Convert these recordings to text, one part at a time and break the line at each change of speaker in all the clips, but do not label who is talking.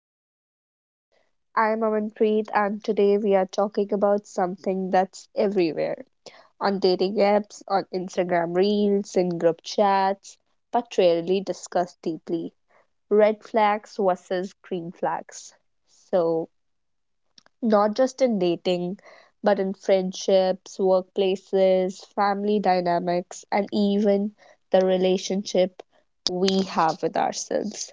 podcast. I'm Amanpreet, and today we are talking about something that's everywhere on dating apps, on Instagram reels, in group chats, but rarely discussed deeply — red flags versus green flags. So, not just in dating, but in friendships, workplaces, family dynamics, and even the relationship we have with ourselves.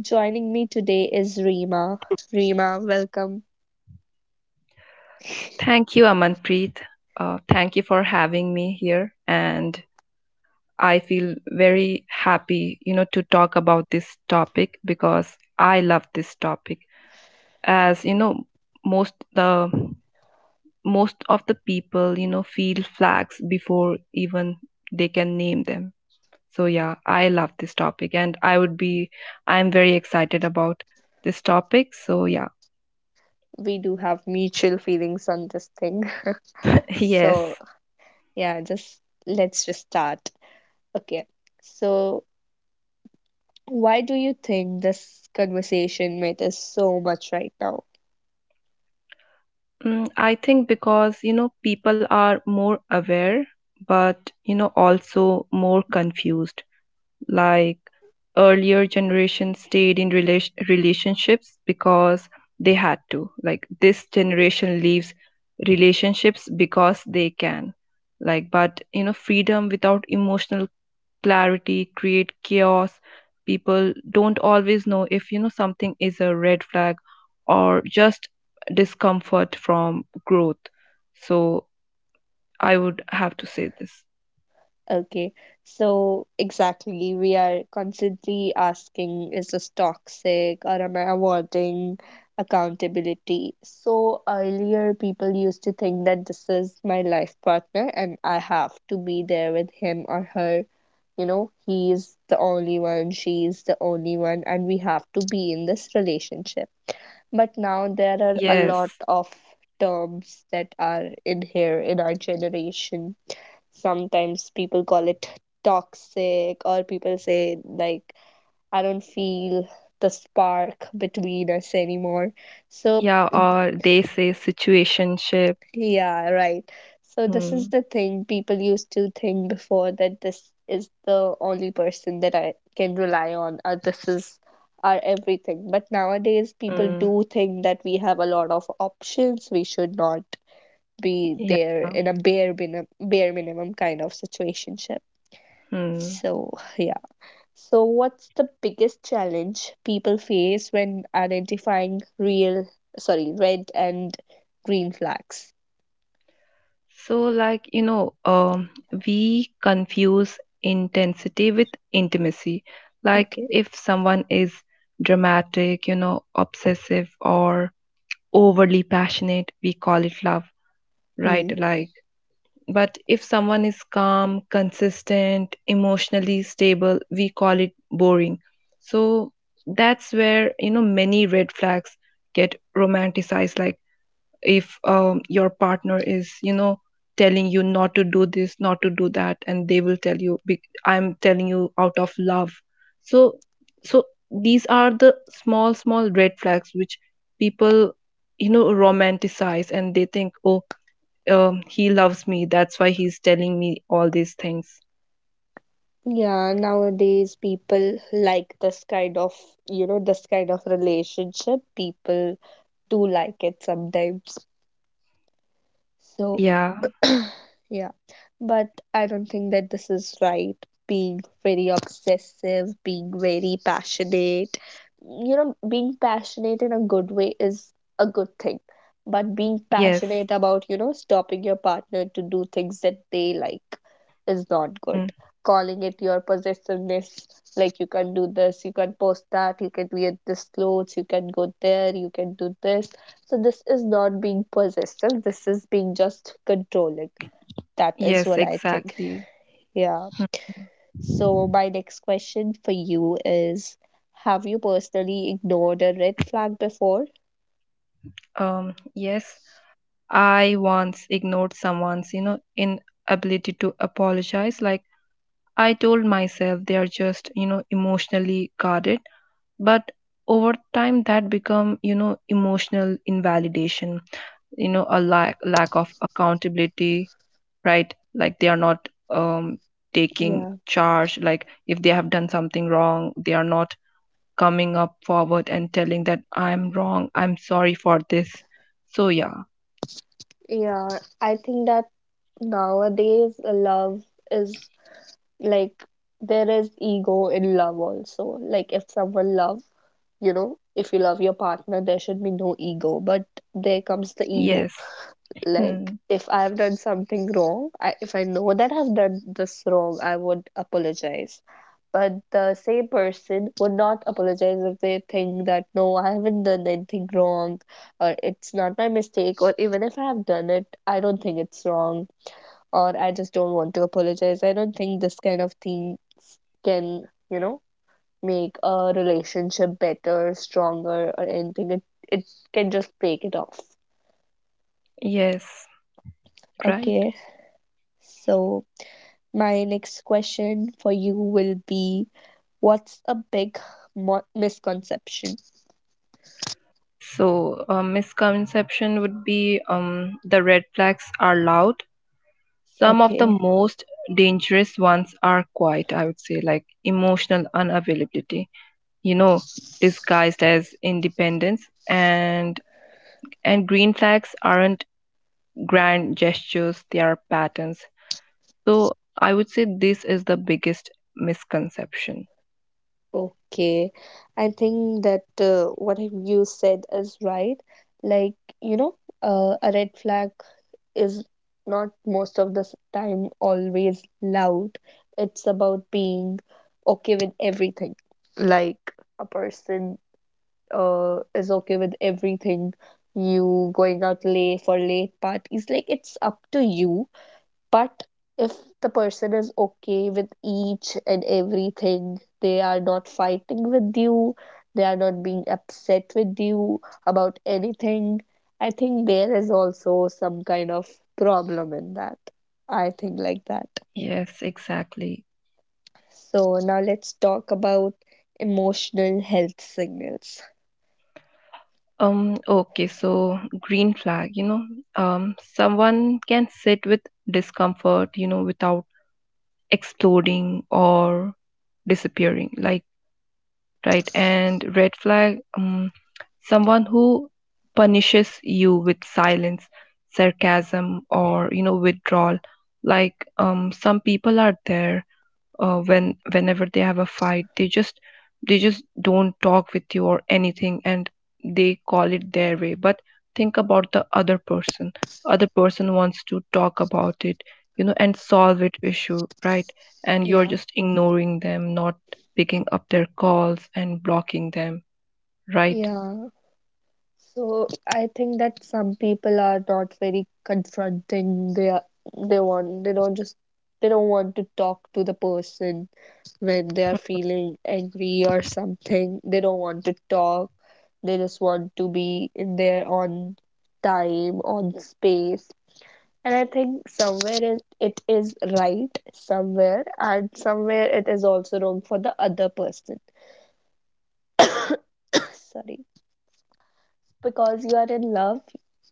Joining me today is Reema. Reema, welcome.
Thank you, Amanpreet. Thank you for having me here. And I feel very happy, to talk about this topic because I love this topic. As you know, most the most of the people, feel flags before even they can name them. So yeah, I love this topic, and I'm very excited about this topic. So yeah.
We do have mutual feelings on this thing.
Yes.
So, yeah, just let's just start. Okay. So, why do you think this conversation matters so much right now?
I think because, you know, people are more aware, but, you know, also more confused. Like earlier generations stayed in relationships because they had to. Like this generation leaves relationships because they can. Like, but, you know, freedom without emotional clarity, create chaos. People don't always know if you know something is a red flag or just discomfort from growth. So I would have to say this.
Okay, so exactly, we are constantly asking, is this toxic, or am I avoiding accountability? So earlier, people used to think that this is my life partner and I have to be there with him or her. You know, he's the only one, she's the only one, and we have to be in this relationship. But now there are a lot
Yes.
of terms that are in here in our generation. Sometimes people call it toxic, or people say, like, I don't feel the spark between us anymore. So,
Yeah, or they say situationship.
yeah, right. So this is
Hmm.
the thing people used to think before, that this is the only person that I can rely on, or this is our everything. But nowadays people
Hmm.
do think that we have a lot of options, we should not be
Yeah.
there in a bare minimum, bare minimum kind of situationship.
Hmm.
So, yeah. So, what's the biggest challenge people face when identifying real, sorry, red and green flags?
So, like, we confuse intensity with intimacy. Like,
Okay.
if someone is dramatic, you know, obsessive, or overly passionate, we call it love, right?
Hmm.
Like, but if someone is calm, consistent, emotionally stable, we call it boring. So, that's where, you know, many red flags get romanticized. Like, if your partner is you know telling you not to do this, not to do that, and they will tell you, "Be- I'm telling you out of love." So so these are the small red flags which people you know romanticize, and they think, oh, he loves me, that's why he's telling me all these things.
Yeah, nowadays people like this kind of, this kind of relationship. People do like it sometimes. So,
Yeah.
yeah, but I don't think that this is right. Being very obsessive, being very passionate, being passionate in a good way is a good thing. But being
Yes.
passionate about, stopping your partner to do things that they like is not good.
Mm.
Calling it your possessiveness, like, you can do this, you can post that, you can wear this clothes, you can go there, you can do this. So this is not being possessive, this is being just controlling. That is
Yes,
what I think.
exactly.
Yeah. So,
Mm.
my next question for you is, have you personally ignored a red flag before?
Um, yes. I once ignored someone's, you know, inability to apologize. Like I told myself they are just, you know, emotionally guarded. But over time that become, you know, emotional invalidation, you know, a lack of accountability, right? Like they are not taking
Yeah.
charge. Like if they have done something wrong, they are not coming up forward and telling that I'm wrong, I'm sorry for this. So yeah.
Yeah, I think that nowadays love is, like, there is ego in love also. Like, if someone love, if you love your partner, there should be no ego, but there comes the ego.
Yes.
Like, if I have done something wrong I, if I know that I've done this wrong, I would apologize. But the same person would not apologize if they think that, no, I haven't done anything wrong, or it's not my mistake, or even if I have done it, I don't think it's wrong, or I just don't want to apologize. I don't think this kind of things can, you know make a relationship better, stronger, or anything. It can just break it off.
Yes, right.
Okay, so my next question for you will be, what's a big misconception?
So, a misconception would be the red flags are loud. Some of the
Okay,
most dangerous ones are quiet, I would say, like emotional unavailability, you know, disguised as independence. And green flags aren't grand gestures, they are patterns. So, I would say this is the biggest misconception.
okay. I think that what have you said is right. Like, you know, a red flag is not most of the time always loud. It's about being okay with everything. Like, a person is okay with everything. You going out late for late parties, like, it's up to you. But if the person is okay with each and everything, they are not fighting with you, they are not being upset with you about anything, I think there is also some kind of problem in that. I think like that.
Yes, exactly.
So now let's talk about emotional health signals.
Okay, so green flag, you know, someone can sit with discomfort, you know, without exploding or disappearing, like, right? And red flag, someone who punishes you with silence, sarcasm, or, you know, withdrawal. Like, some people are there when whenever they have a fight, they just don't talk with you or anything, and they call it their way, but think about the other person. Other person wants to talk about it, you know, and solve it issue, right? And you're
Yeah,
just ignoring them, not picking up their calls and blocking them, right?
yeah. So I think that some people are not very confronting. They are, they want they don't just they don't want to talk to the person when they are feeling angry or something. They don't want to talk. They just want to be in their own time, on space. And I think somewhere it is right somewhere, and somewhere it is also wrong for the other person. Sorry. Because you are in love,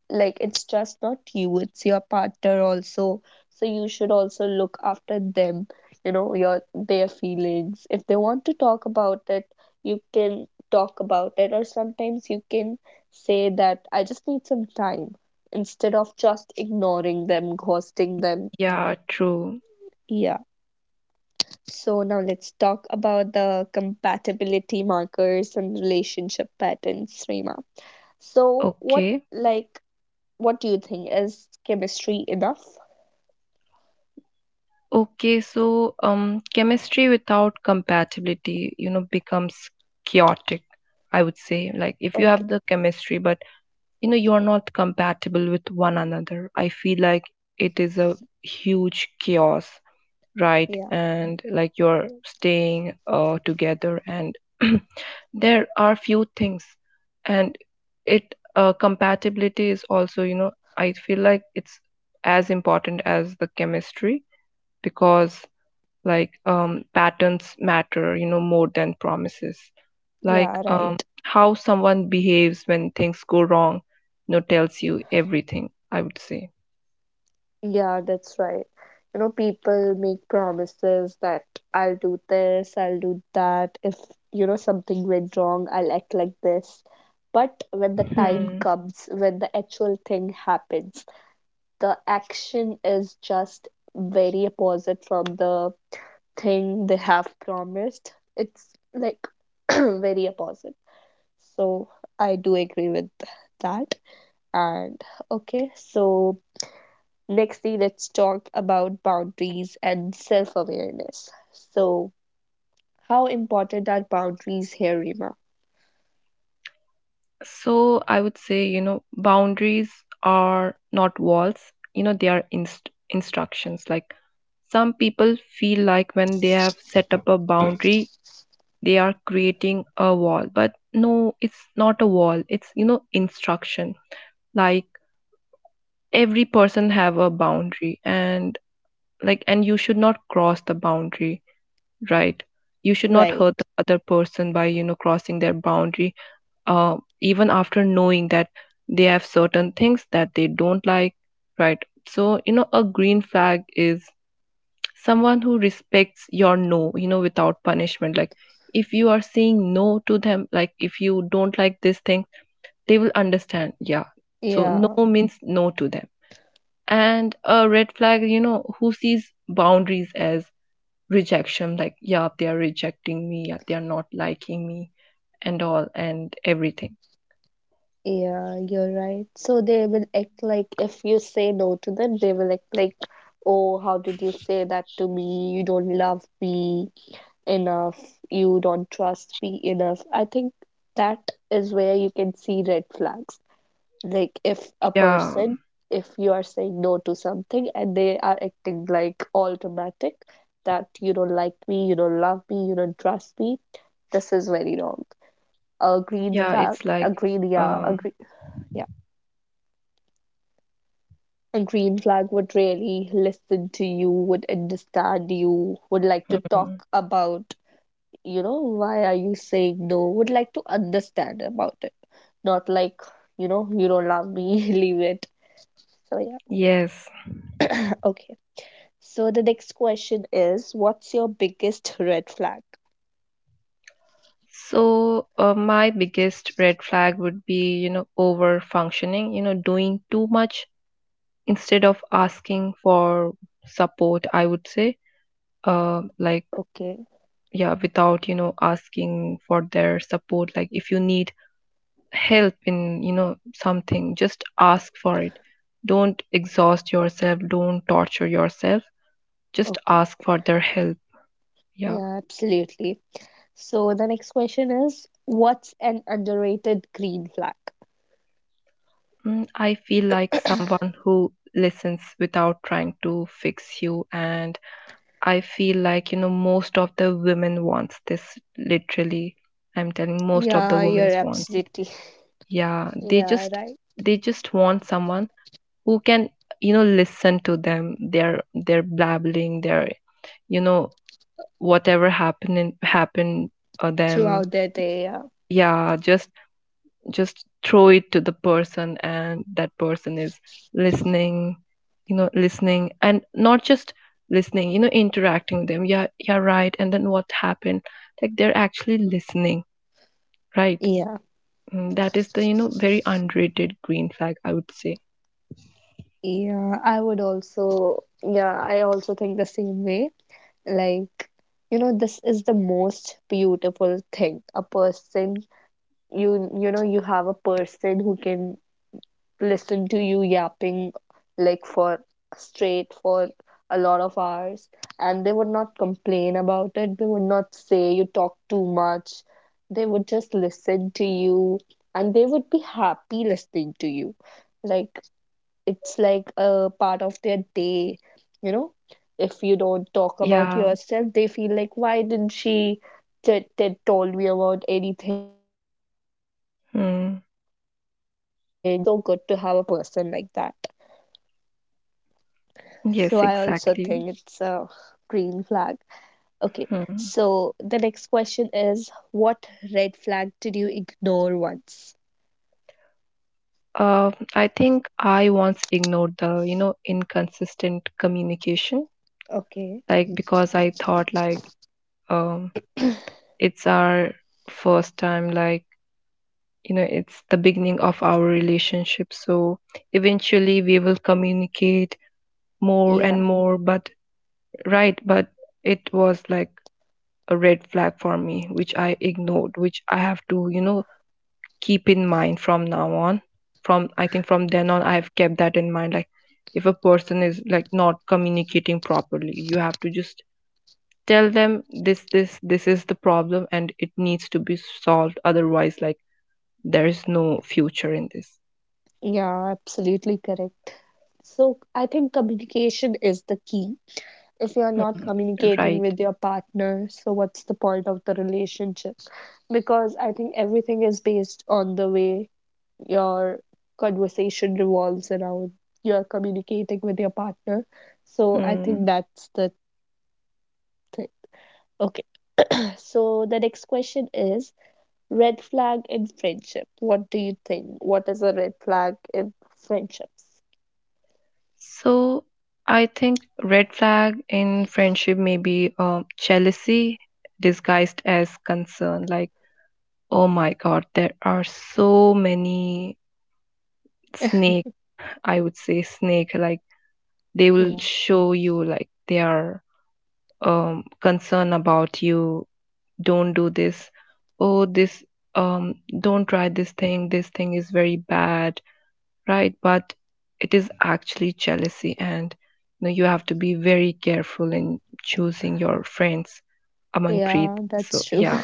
like, it's just not you, it's your partner also, so you should also look after them, your their feelings. If they want to talk about it, you can talk about it, or sometimes you can say that I just need some time, instead of just ignoring them, ghosting them.
Yeah, true.
Yeah. So now let's talk about the compatibility markers and relationship patterns, Rima. so what
Okay.
like What do you think? Is chemistry enough?
Okay, so chemistry without compatibility, you know, becomes chaotic. I would say, like, if you
Okay.
have the chemistry, but you know, you are not compatible with one another, I feel like it is a huge chaos, right?
Yeah.
And like, you're staying together, and there are few things, and it compatibility is also, you know, I feel like it's as important as the chemistry because like patterns matter you know more than promises, like
Yeah, right.
how someone behaves when things go wrong, you know, tells you everything, I would say.
Yeah, that's right. You know, people make promises that I'll do this, I'll do that. If, something went wrong, I'll act like this. But when the time
Hmm.
comes, when the actual thing happens, the action is just very opposite from the thing they have promised. It's like very opposite. So I do agree with that. And okay, so nextly, let's talk about boundaries and self awareness. So, how important are boundaries here, Rima?
So I would say, you know, boundaries are not walls, you know, they are instructions. Like some people feel like when they have set up a boundary they are creating a wall, but no, it's not a wall, it's you know instruction. Like every person have a boundary, and like, and you should not cross the boundary, right? You should not
Right.
hurt the other person by you know crossing their boundary, even after knowing that they have certain things that they don't like, right? So you know a green flag is someone who respects your no, you know, without punishment. Like if you are saying no to them, like if you don't like this thing, they will understand, yeah. So
Yeah,
no means no to them. And a red flag, you know, who sees boundaries as rejection, like, yeah, they are rejecting me, yeah, they are not liking me, and all, and everything.
yeah, you're right. So they will act like if you say no to them, they will act like, oh, how did you say that to me? You don't love me enough. You don't trust me enough. I think that is where you can see red flags. Like, if a
Yeah,
person, if you are saying no to something and they are acting like all dramatic, that you don't like me, you don't love me, you don't trust me, this is very wrong. A green
yeah,
flag,
it's like,
a green yeah a
um,
green yeah a green flag would really listen to you, would understand you, would like to
mm.
talk about, why are you saying no, would like to understand about it, not like, you don't love me, leave it. So, yeah.
Yes.
Okay. So the next question is, what's your biggest red flag?
So, my biggest red flag would be, you know, over functioning, you know, doing too much instead of asking for support, I would say. Like,
Okay,
yeah, without, you know, asking for their support. Like, if you need help in you know something, just ask for it. Don't exhaust yourself, don't torture yourself, just
okay.
ask for their help. Yeah.
Yeah, absolutely. So the next question is, what's an underrated green flag?
I feel like someone who listens without trying to fix you, and I feel like you know most of the women wants this, literally. I'm telling most of the
Yeah,
women
you're
wants it.
absolutely.
Yeah, they
Yeah,
just
right.
they just want someone who can you know listen to them, their blabbling, their you know whatever happened them.
Throughout their day, yeah.
Yeah, just throw it to the person, and that person is listening, you know, listening and not just listening, you know, interacting with them, yeah, yeah, right, and then what happened, like they're actually listening, right.
Yeah.
Mm, that is the you know very underrated green flag, I would say.
Yeah, I would also, yeah, I also think the same way. Like, this is the most beautiful thing. A person, you know, you have a person who can listen to you yapping, like, for a lot of hours, and they would not complain about it, they would not say you talk too much, they would just listen to you, and they would be happy listening to you. Like, it's like a part of their day, you know if you don't talk about
Yeah.
yourself, they feel like, why didn't she told me about anything, or what happened to her.
Hmm.
You know, it feels so good to have a person like that. So
Yes,
I also
exactly.
think it's a green flag. Okay,
Hmm.
so the next question is, what red flag did you ignore once?
I think I once ignored the, you know, inconsistent communication,
Okay,
like because I thought like um it's our first time, like, you know, it's the beginning of our relationship. So eventually we will communicate more
yeah,
and more, but right, but it was like a red flag for me, which I ignored, which I have to, you know, keep in mind from now on. From I think from then on, I've kept that in mind. Like if a person is like not communicating properly, you have to just tell them this is the problem, and it needs to be solved, otherwise like there is no future in this.
yeah, absolutely correct. So I think communication is the key. If you're not
Hmm.
communicating
Right.
with your partner, so what's the point of the relationship? Because I think everything is based on the way your conversation revolves around, you're communicating with your partner. So I
Hmm.
think that's the thing. Okay. So the next question is red flag in friendship. What do you think? What is a red flag in friendships?
So I think red flag in friendship may be jealousy disguised as concern. Like, oh my god, there are so many snakes, I would say. Snake, like, they will
Yeah.
show you like they are concerned about you, don't do this, oh this, um don't try this thing, this thing is very bad, right, but it is actually jealousy. And you know you have to be very careful in choosing your friends, Amanpreet.
Yeah, that's
So
true.
yeah.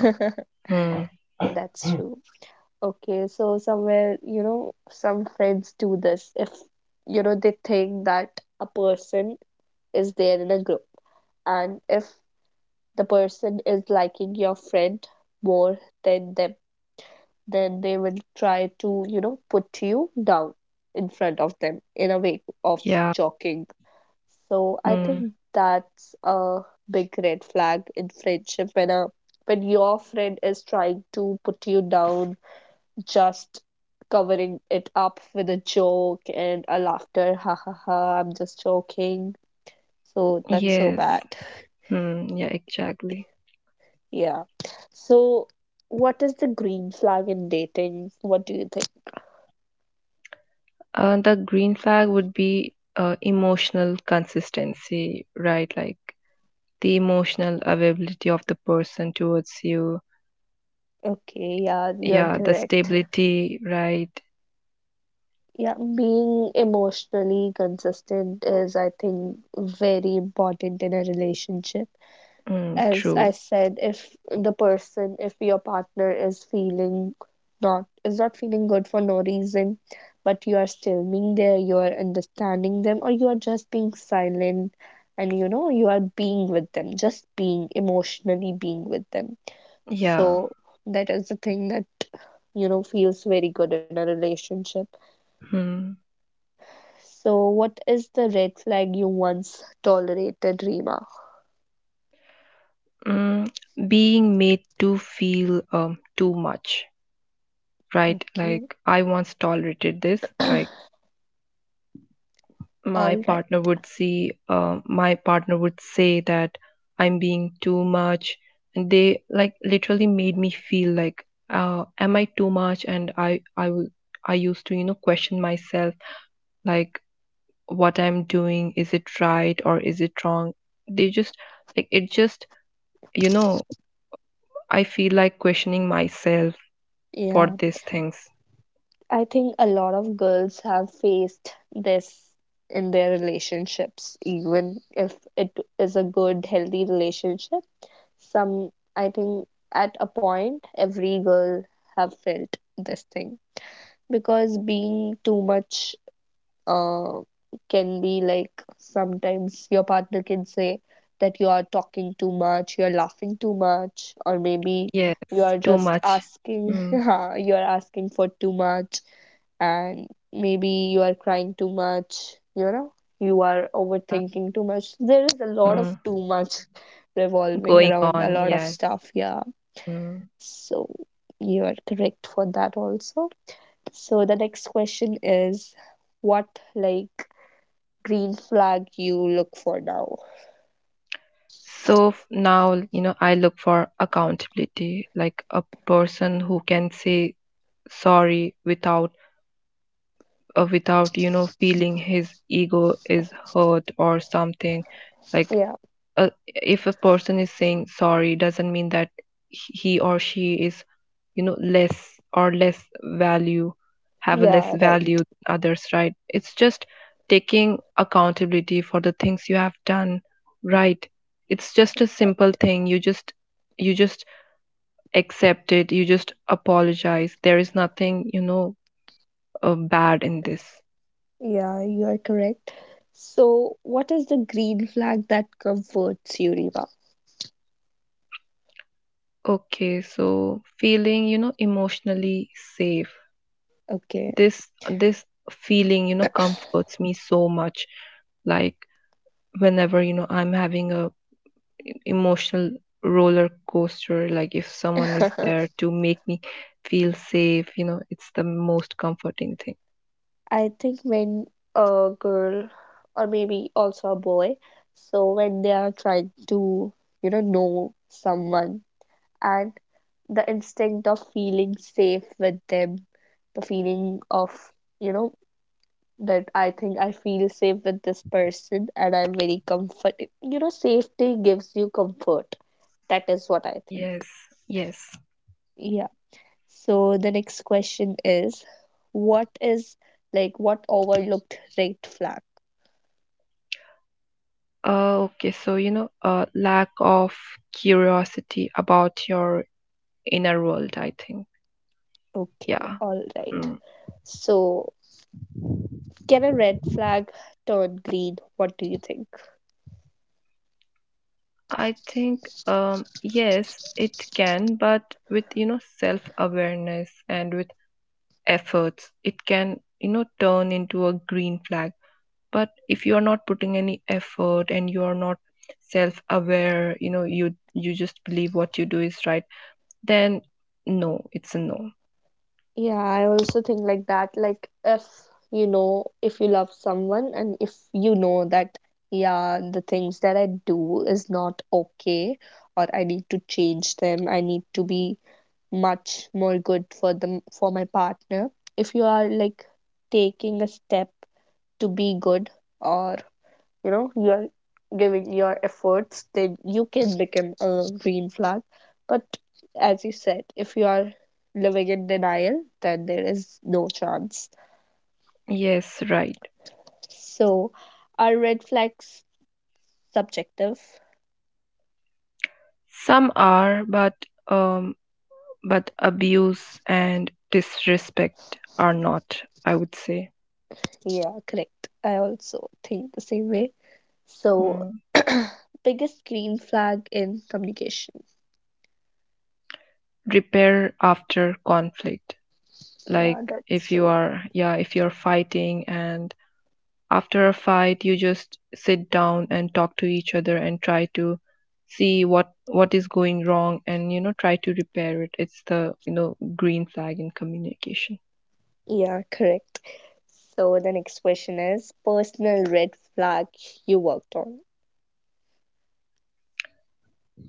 Hmm.
That's true. Okay, so somewhere, some friends do this if, they think that a person is there in a group, and if the person is liking your friend more than them, then they will try to, put you down in front of them in a way of
Yeah.
joking. So I
Hmm.
think that's a big red flag in friendship, when your friend is trying to put you down, just covering it up with a joke and a laughter. Ha ha ha, I'm just joking. So that's so
Yes.
bad.
Hmm. Yeah, exactly.
Yeah. So, what is the green flag in dating? What do you think?
The green flag would be emotional consistency, right? Like the emotional availability of the person towards you.
Okay, yeah, you're
Yeah, hmm, the
correct.
stability, right?
Yeah, being emotionally consistent is, I think, very important in a relationship.
Mm,
As
true.
I said, if the person, if your partner is not feeling good for no reason, but you are still being there, you are understanding them, or you are just being silent, and you are being with them, just being emotionally being with them.
Yeah.
So that is the thing that feels very good in a relationship.
Hmm.
So what is the red flag you once tolerated, Rima?
Mm, Being made to feel too much, right?
Okay.
Like I once tolerated this, like
All right.
my partner would say that I'm being too much, and they like literally made me feel like, am I too much? And I will, I used to you know question myself, like what I'm doing, is it right or is it wrong? They just like it just You know, I feel like questioning myself for
Yeah.
these things.
I think a lot of girls have faced this in their relationships, even if it is a good, healthy relationship. Some, I think, at a point, every girl have felt this thing because being too much uh, can be like sometimes your partner can say that you are talking too much, you're laughing too much, or maybe you
Yes.
are
Too
just
much.
asking,
Mm.
you are asking for too much and maybe you are crying too much, you know, you are
uh,
overthinking too much. There is a lot of
mm.
too much revolving
Going
around a
on,
lot of
yes.
stuff, yeah.
Mm.
So you are correct for that also. So the next question is what like green flag you look for now?
So now, you know, I look for accountability, like a person who can say sorry without without, you know, feeling his ego is hurt or something. Like
Yeah,
if a person is saying sorry doesn't mean that he or she is you know less, or less value have a less
yeah, right.
value than others, right? It's just taking accountability for the things you have done, right? It's just a
Right.
simple thing, you just, you just accept it, you just apologize, there is nothing you know bad in this.
Yeah, you are correct. So what is the green flag that comforts you, Riva?
Okay, so feeling you know emotionally safe,
Okay.
this feeling, you know, comforts me so much. Like, whenever you know I'm having a emotional roller coaster, like if someone is there to make me feel safe, you know, it's the most comforting thing.
I think when a girl or maybe also a boy, so when they are trying to, you know someone and the instinct of feeling safe with them, the feeling of, you know, that I think I feel safe with this person and I'm very comfort. You know, safety gives you comfort. That is what I think.
Yes. Yes.
Yeah. So the next question is what is like what overlooked red flag?
Okay, so you know lack of curiosity about your inner world, I think.
Okay,
Yeah.
all right.
Mm.
So, can a red flag turn green? What do you think?
I think yes it can, but with you know self awareness and with efforts it can you know turn into a green flag. But if you are not putting any effort and you are not self aware, you know, you just believe what you do is right, then no, it's a no.
Yeah, I also think like that. Like, if you know, if you love someone, and if you know that, yeah, the things that I do is not okay, or I need to change them, I need to be much more good for them, for my partner. If you are like taking a step to be good, or you know you are giving your efforts then you can become a green flag, but as you said, if you are living in denial then there is no chance.
Yes, right.
So are red flags subjective?
Some are, um but abuse and disrespect are not, I would say.
Yeah, correct. I also think the same way. So
Hmm.
biggest green flag in communication.
Repair after conflict. like
Yeah, that's
if you
true.
are, yeah, if you're fighting and after a fight, you just sit down and talk to each other and try to see what is going wrong and, you know, try to repair it. It's the, you know, green flag in communication.
Yeah, correct. So the next question is personal red flag you worked on.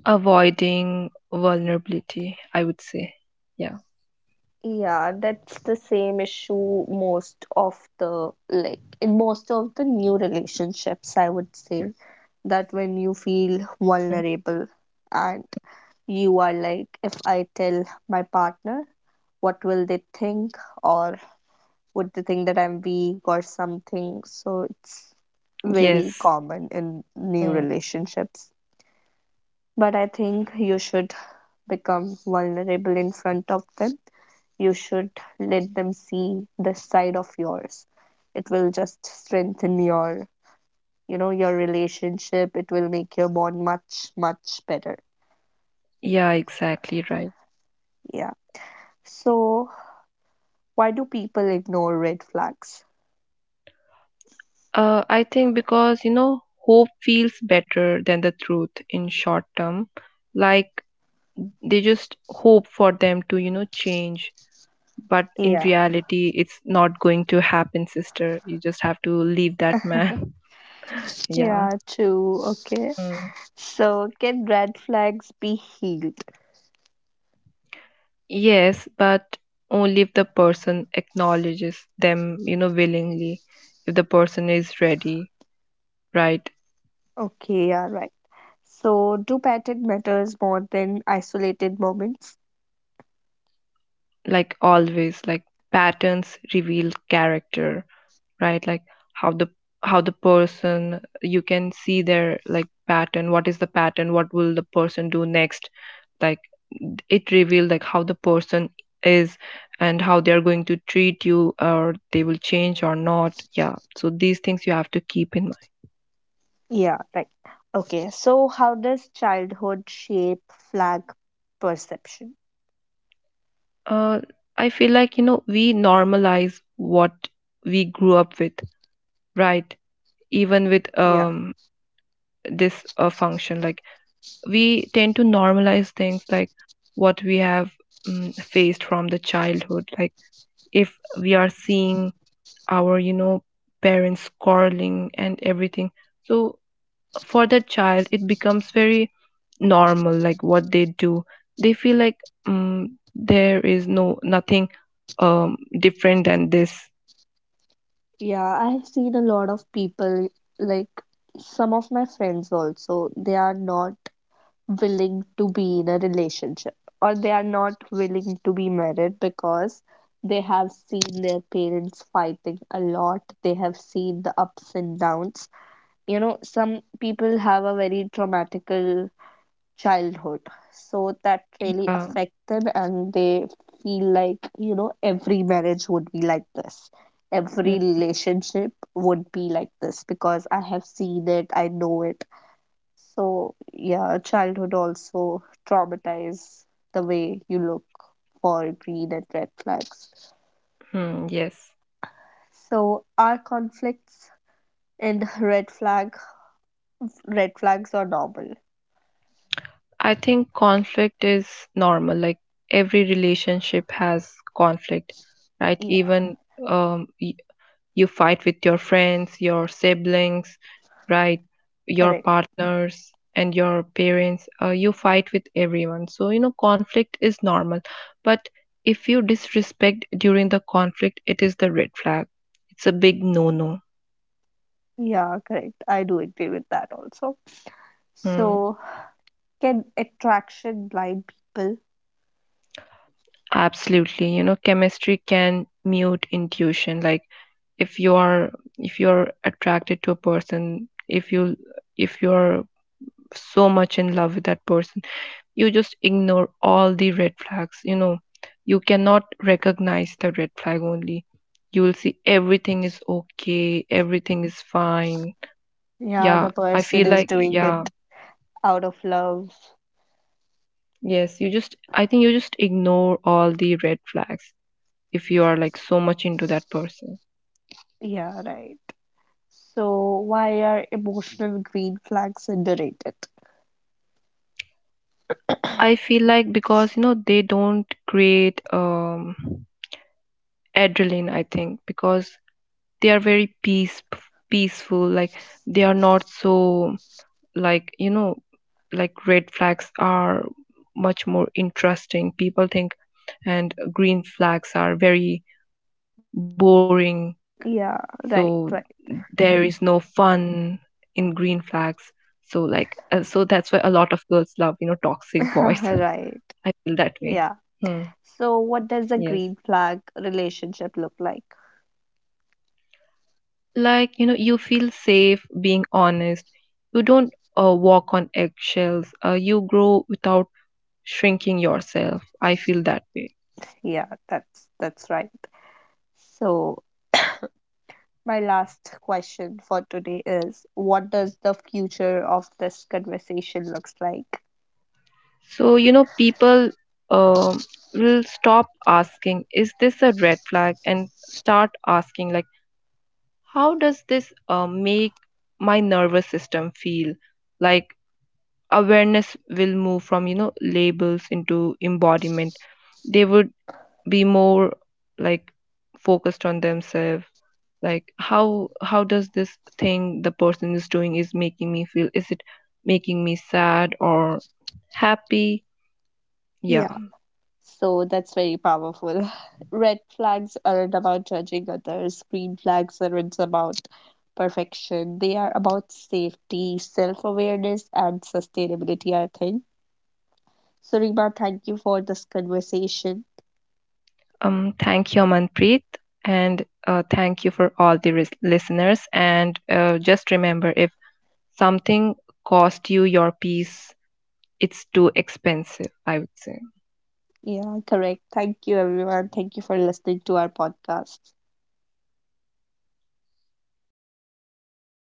Avoiding vulnerability, I would say. Yeah.
Yeah, that's the same issue most of the like in most of the new relationships, I would say, that when you feel
Mm.
vulnerable and you are like, if I tell my partner, what will they think, or would they think that I'm weak or something? So it's very
Yes.
common in new
Mm.
relationships. But I think you should become vulnerable in front of them, you should let them see this side of yours. It will just strengthen your, you know, your relationship. It will make your bond much, much better.
Yeah, exactly, right.
Yeah. So, why do people ignore red flags?
I think because, you know, hope feels better than the truth in short term. like they just hope for them to, you know, change, but in
Yeah.
reality it's not going to happen, sister. You just have to leave that man. Yeah.
Yeah, true. Okay.
Mm.
So, can red flags be healed?
Yes, but only if the person acknowledges them, you know, willingly. If the person is ready, right?
Okay, yeah, right. So, do pattern matters more than isolated moments?
Like always, like patterns reveal character, right? Like how the how the person, you can see their like pattern. What is the pattern? What will the person do next? Like it reveals like how the person is and how they are going to treat you, or they will change or not. Yeah, so these things you have to keep in mind.
Yeah, right. Okay, so how does childhood shape flag perception?
uh, I feel like, you know, we normalize what we grew up with, right? Even with
Yeah.
this function, like we tend to normalize things like what we have faced from the childhood. Like if we are seeing our, you know, parents quarreling and everything, so for that child it becomes very normal. Like what they do, they feel like, mm, there is no nothing different than this.
Yeah, I have seen a lot of people, like some of my friends also, they are not willing to be in a relationship or they are not willing to be married because they have seen their parents fighting a lot. They have seen the ups and downs. You know, some people have a very traumatical childhood. So that really
uh,
affected, and they feel like, you know, every marriage would be like this. Every relationship would be like this because I have seen it, I know it. So, yeah, childhood also traumatizes the way you look for green and red flags.
hmm. Yes,
So, are conflicts and red flag red flags are normal?
I think conflict is normal. Like every relationship has conflict, right?
Yeah,
Even um, y- you fight with your friends, your siblings, right, your
correct.
partners and your parents. You fight with everyone, so you know conflict is normal. But if you disrespect during the conflict, it is the red flag. It's a big no no.
Yeah, correct. I do agree with that also.
Hmm.
So, can attraction blind people?
Absolutely. You know, chemistry can mute intuition. Like if you are, if you're attracted to a person, if you're so much in love with that person, you just ignore all the red flags, you know. You cannot recognize the red flag only. You will see everything is okay, everything is fine.
Yeah,
Yeah,
the
I feel
person is
like,
doing
yeah.
it out of love.
Yes, you just, I think you just ignore all the red flags if you are like so much into that person.
Yeah, right. So why are emotional green flags underrated?
I feel like because, you know, they don't create adrenaline, I think, because they are very peaceful. Like they are not so, like, you know, like red flags are much more interesting, people think, and green flags are very boring, so
Yeah,
there is
right,
no fun in green flags. So like, so that's why a lot of girls love, you know, toxic boys.
right.
I feel that
Right.
way. Hmm.
Yeah. So
Yes,
what does a green flag relationship look like?
like, you know, you feel safe being honest. You don't walk on eggshells. You grow without shrinking yourself, I feel that way.
Yeah, that's right. So my last question for today is what does the future of this conversation looks like?
So, you know, people uh, will stop asking, is this a red flag, and start asking, like, how does this make my nervous system feel? Like, awareness will move from, you know, labels into embodiment. They would be more, like, focused on themselves. Like, how does this thing the person is doing is making me feel? Is it making me sad or happy? Yeah.
Yeah. So that's very powerful. Red flags aren't about judging others, green flags aren't about perfection. They are about safety, self awareness, and sustainability, I think. So, Rima, thank you for this conversation.
Thank you, Amanpreet, and thank you for all the listeners. And just remember, if something cost you your peace, it's too expensive, I would say.
Yeah, correct. Thank you, everyone. Thank you for listening to our podcast.